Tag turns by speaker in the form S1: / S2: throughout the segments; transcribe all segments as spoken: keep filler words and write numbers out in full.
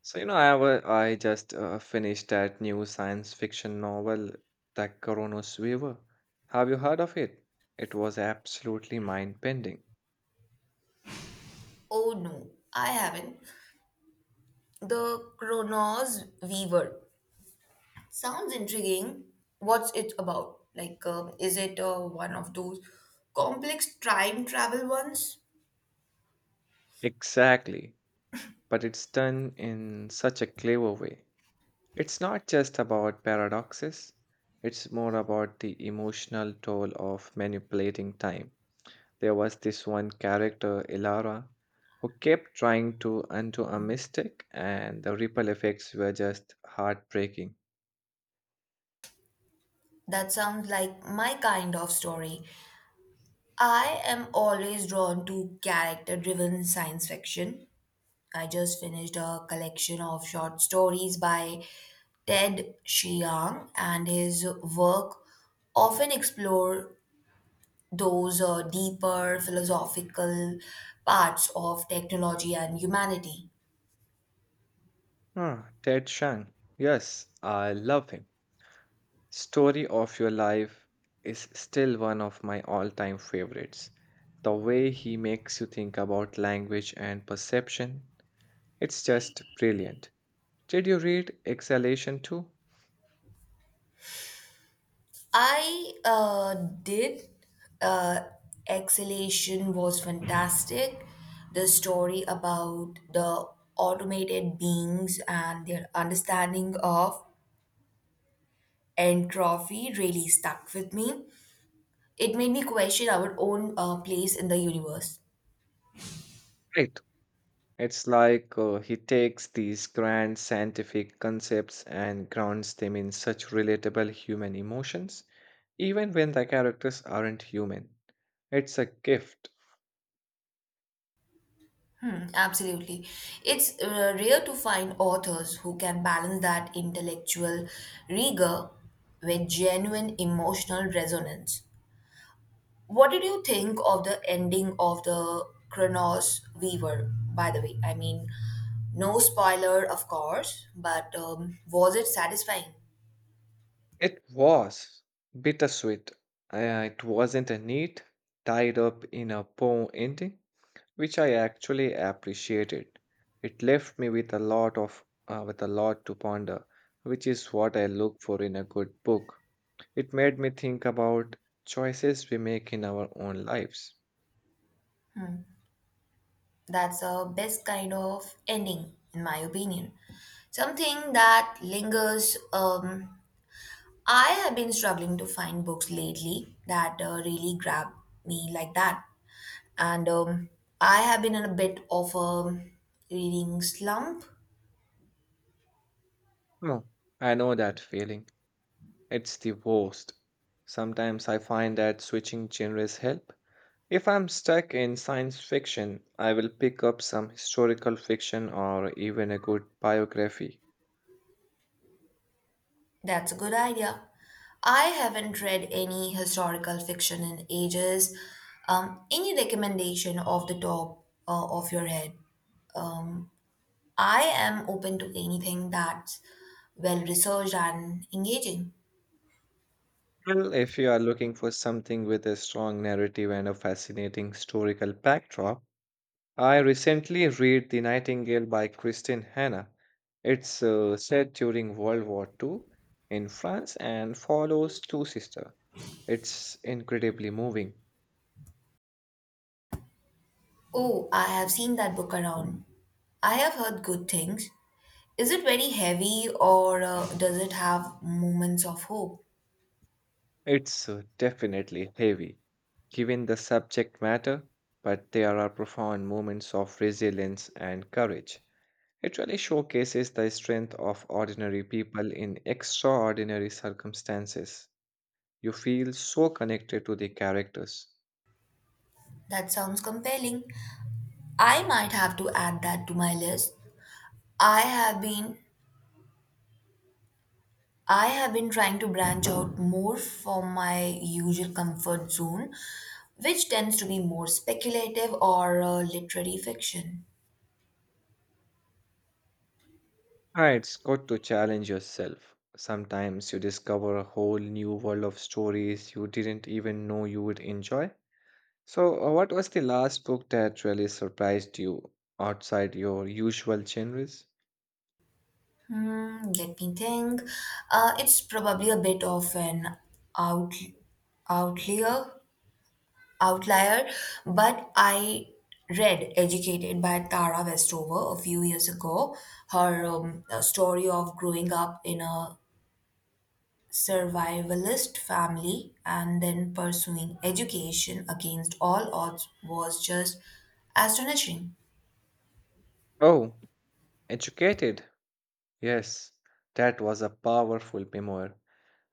S1: So, you know, I, wa- I just uh, finished that new science fiction novel, The Coronos Weaver. Have you heard of it? It was absolutely mind-bending.
S2: Oh no, I haven't. The Chronos Weaver. Sounds intriguing. What's it about? Like, um, is it uh, one of those complex time travel ones?
S1: Exactly, but it's done in such a clever way. It's not just about paradoxes, it's more about the emotional toll of manipulating time. There was this one character, Ilara, who kept trying to undo a mistake, and the ripple effects were just heartbreaking.
S2: That sounds like my kind of story. I am always drawn to character driven science fiction. I just finished a collection of short stories by Ted Chiang, and his work often explore those uh, deeper philosophical parts of technology and humanity.
S1: Ah, Ted Chiang. Yes, I love him. Story of Your Life is still one of my all time favorites. The way he makes you think about language and perception, it's just brilliant. Did you read Exhalation too?
S2: I uh, did. Uh, Exhalation was fantastic. The story about the automated beings and their understanding of entropy really stuck with me. It made me question our own uh, place in the universe.
S1: Right. It's like uh, he takes these grand scientific concepts and grounds them in such relatable human emotions, even when the characters aren't human. It's a gift.
S2: Mm, absolutely. It's uh, rare to find authors who can balance that intellectual rigor with genuine emotional resonance. What did you think of the ending of the Chronos Weaver, by the way? I mean, no spoiler, of course, but um, was it satisfying?
S1: It was bittersweet. Uh, it wasn't a neat, tied up in a bow ending, which I actually appreciated. It left me with a lot of uh, with a lot to ponder, which is what I look for in a good book. It made me think about choices we make in our own lives.
S2: That's the best kind of ending, in my opinion. Something that lingers. Um, I have been struggling to find books lately that uh, really grab me like that. And um, I have been in a bit of a reading slump.
S1: No, I know that feeling. It's the worst. Sometimes I find that switching genres help. If I'm stuck in science fiction, I will pick up some historical fiction or even a good biography.
S2: That's a good idea. I haven't read any historical fiction in ages. Um, any recommendation off the top uh, of your head? Um, I am open to anything that's well researched and engaging.
S1: Well, if you are looking for something with a strong narrative and a fascinating historical backdrop, I recently read The Nightingale by Christine Hanna. It's uh, set during World War two in France and follows two sisters. It's incredibly moving.
S2: Oh, I have seen that book around. I have heard good things. Is it very heavy or uh, does it have moments of hope?
S1: It's uh, definitely heavy, given the subject matter, but there are profound moments of resilience and courage. It really showcases the strength of ordinary people in extraordinary circumstances. You feel so connected to the characters.
S2: That sounds compelling. I might have to add that to my list. I have been I have been trying to branch out more from my usual comfort zone, which tends to be more speculative or uh, literary fiction.
S1: Ah, it's good to challenge yourself. Sometimes you discover a whole new world of stories you didn't even know you would enjoy. So, uh, what was the last book that really surprised you outside your usual genres?
S2: Hmm, let me think. Uh, it's probably a bit of an out, outlier, outlier, but I read Educated by Tara Westover a few years ago. Her um, uh, story of growing up in a survivalist family and then pursuing education against all odds was just astonishing.
S1: Oh, Educated. Yes, that was a powerful memoir.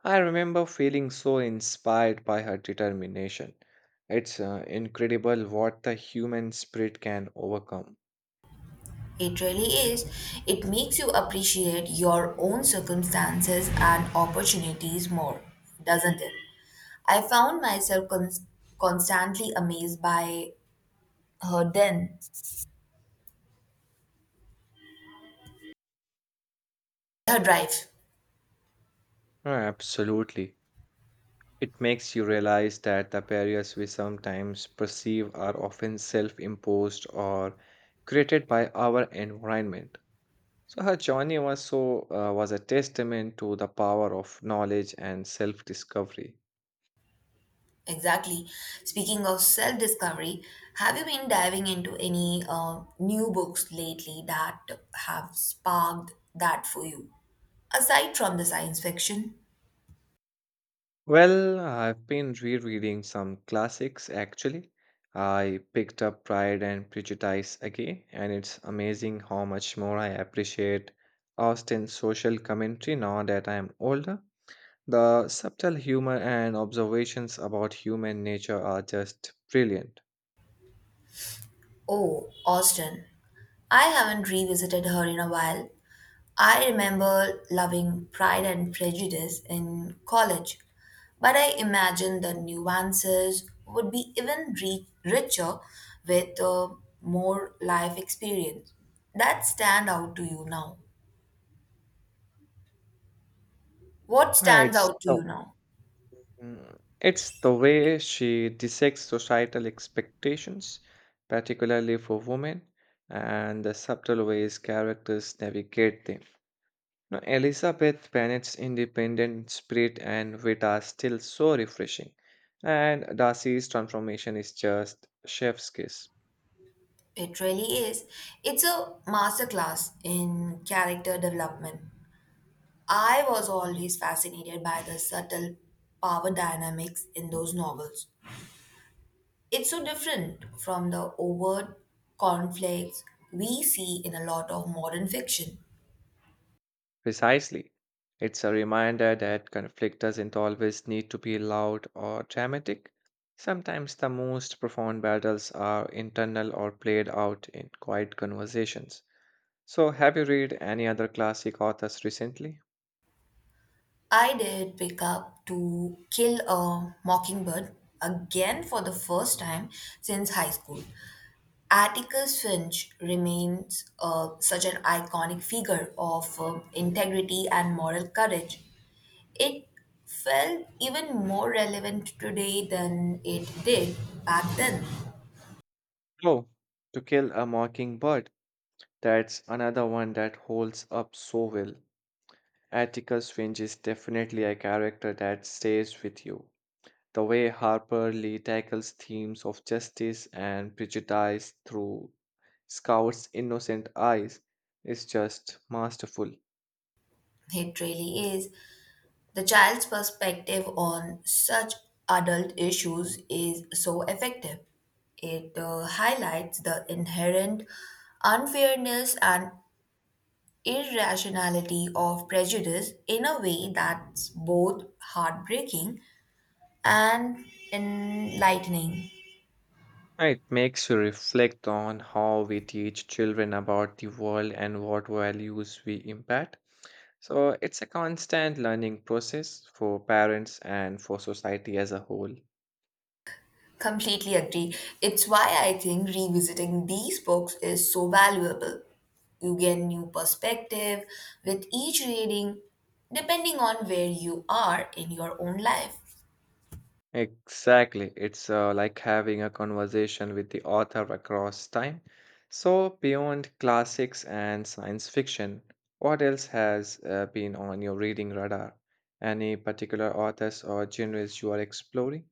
S1: I remember feeling so inspired by her determination. It's uh, incredible what the human spirit can overcome.
S2: It really is. It makes you appreciate your own circumstances and opportunities more, doesn't it? I found myself cons- constantly amazed by her then, her drive.
S1: Ah, absolutely. It makes you realize that the barriers we sometimes perceive are often self imposed or created by our environment. So, her journey was, so, uh, was a testament to the power of knowledge and self discovery.
S2: Exactly. Speaking of self discovery, have you been diving into any uh, new books lately that have sparked that for you? Aside from the science fiction?
S1: Well, I've been rereading some classics actually. I picked up Pride and Prejudice again, and it's amazing how much more I appreciate Austen's social commentary now that I am older. The subtle humor and observations about human nature are just brilliant.
S2: Oh, Austin. I haven't revisited her in a while. I remember loving Pride and Prejudice in college, but I imagine the nuances would be even ri- richer with uh, more life experience. That stand out to you now. What
S1: Yeah,
S2: stands
S1: It's
S2: out to
S1: the,
S2: you now?
S1: mm, it's the way she dissects societal expectations, particularly for women, and the subtle ways characters navigate them. Now, Elizabeth Bennet's independent spirit and wit are still so refreshing, and Darcy's transformation is just chef's kiss.
S2: It really is. It's a masterclass in character development. I was always fascinated by the subtle power dynamics in those novels. It's so different from the overt conflicts we see in a lot of modern fiction.
S1: Precisely. It's a reminder that conflict doesn't always need to be loud or dramatic. Sometimes the most profound battles are internal or played out in quiet conversations. So, have you read any other classic authors recently?
S2: I did pick up To Kill a Mockingbird again for the first time since high school. Atticus Finch remains uh, such an iconic figure of uh, integrity and moral courage. It felt even more relevant today than it did back then.
S1: Oh, To Kill a Mockingbird. That's another one that holds up so well. Atticus Finch is definitely a character that stays with you. The way Harper Lee tackles themes of justice and prejudice through Scout's innocent eyes is just masterful.
S2: It really is. The child's perspective on such adult issues is so effective. It uh, highlights the inherent unfairness and irrationality of prejudice in a way that's both heartbreaking and enlightening.
S1: It makes you reflect on how we teach children about the world and what values we impart. So it's a constant learning process for parents and for society as a whole.
S2: Completely agree. It's why I think revisiting these books is so valuable. You get new perspective with each reading, depending on where you are in your own life.
S1: Exactly. It's uh, like having a conversation with the author across time. So, beyond classics and science fiction, what else has uh, been on your reading radar? Any particular authors or genres you are exploring?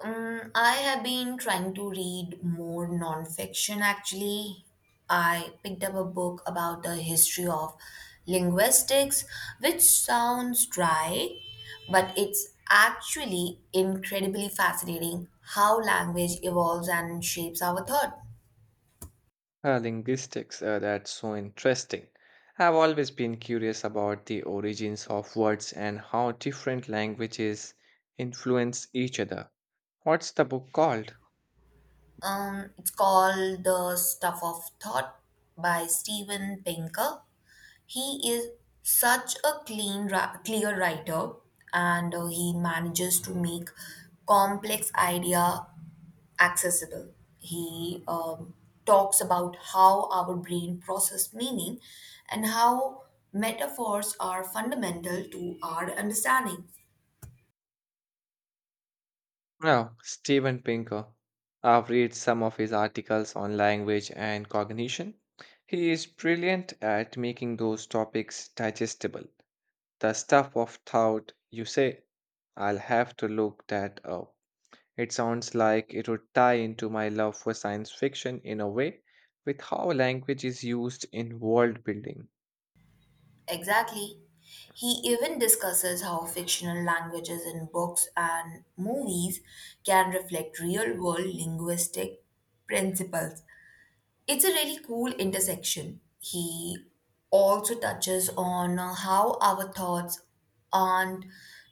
S2: Um, I have been trying to read more nonfiction actually. I picked up a book about the history of linguistics, which sounds dry, but it's actually incredibly fascinating how language evolves and shapes our thought.
S1: Uh, linguistics, uh, that's so interesting. I've always been curious about the origins of words and how different languages influence each other. What's the book called?
S2: Um, it's called The Stuff of Thought by Steven Pinker. He is such a clean, ra- clear writer, and uh, he manages to make complex idea accessible. He um, talks about how our brain process meaning and how metaphors are fundamental to our understanding.
S1: Now, Steven Pinker. I've read some of his articles on language and cognition. He is brilliant at making those topics digestible. The stuff of thought, you say, I'll have to look that up. It sounds like it would tie into my love for science fiction in a way with how language is used in world building.
S2: Exactly. He even discusses how fictional languages in books and movies can reflect real world linguistic principles. It's a really cool intersection. He also touches on uh, how our thoughts aren't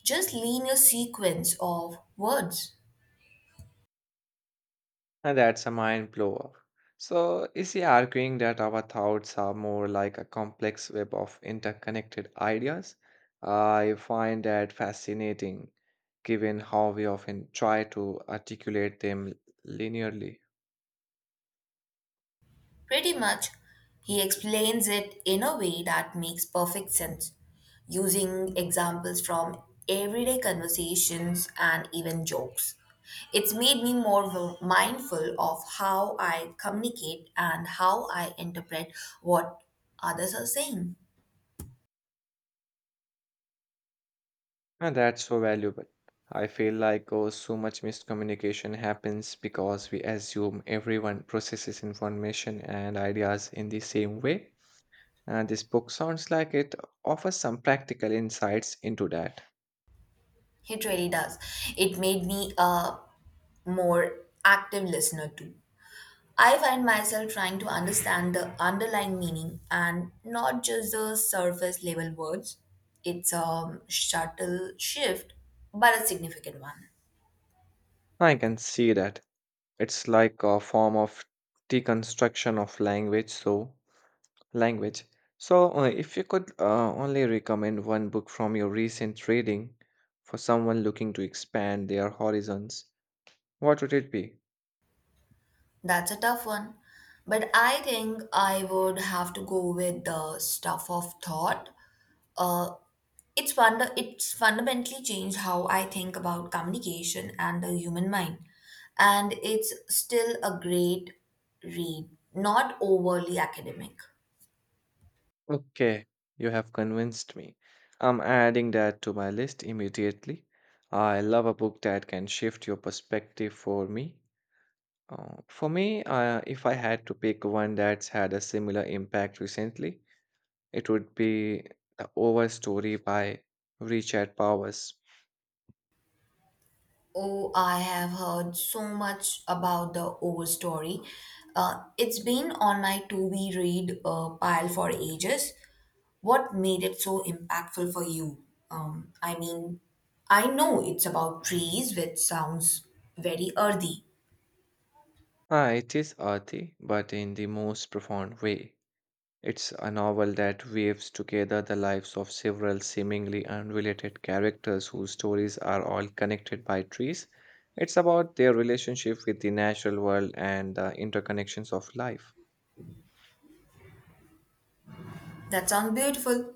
S2: just linear sequence of words.
S1: And that's a mind blower. So, is he arguing that our thoughts are more like a complex web of interconnected ideas? I find that fascinating, given how we often try to articulate them linearly.
S2: Pretty much, he explains it in a way that makes perfect sense, using examples from everyday conversations and even jokes. It's made me more wi- mindful of how I communicate and how I interpret what others are saying.
S1: And that's so valuable. I feel like oh, so much miscommunication happens because we assume everyone processes information and ideas in the same way. And this book sounds like it offers some practical insights into that.
S2: It really does. It made me a more active listener too. I find myself trying to understand the underlying meaning and not just the surface level words. It's a subtle shift, but a significant one.
S1: I can see that. It's like a form of deconstruction of language, so language. So, uh, if you could uh, only recommend one book from your recent reading for someone looking to expand their horizons, what would it be?
S2: That's a tough one. But I think I would have to go with the stuff of thought. Uh, it's wonder it's fundamentally changed how I think about communication and the human mind. And it's still a great read, not overly academic.
S1: Okay, you have convinced me. I'm adding that to my list immediately. I love a book that can shift your perspective for me. Uh, for me, uh, if I had to pick one that's had a similar impact recently, It would be The Over Story by Richard Powers.
S2: Oh, I have heard so much about the Overstory. Uh, it's been on my to be read uh, pile for ages. What made it so impactful for you? Um, I mean, I know it's about trees, which sounds very earthy.
S1: Ah, it is earthy, but in the most profound way. It's a novel that weaves together the lives of several seemingly unrelated characters whose stories are all connected by trees. It's about their relationship with the natural world and the interconnections of life.
S2: That sounds beautiful.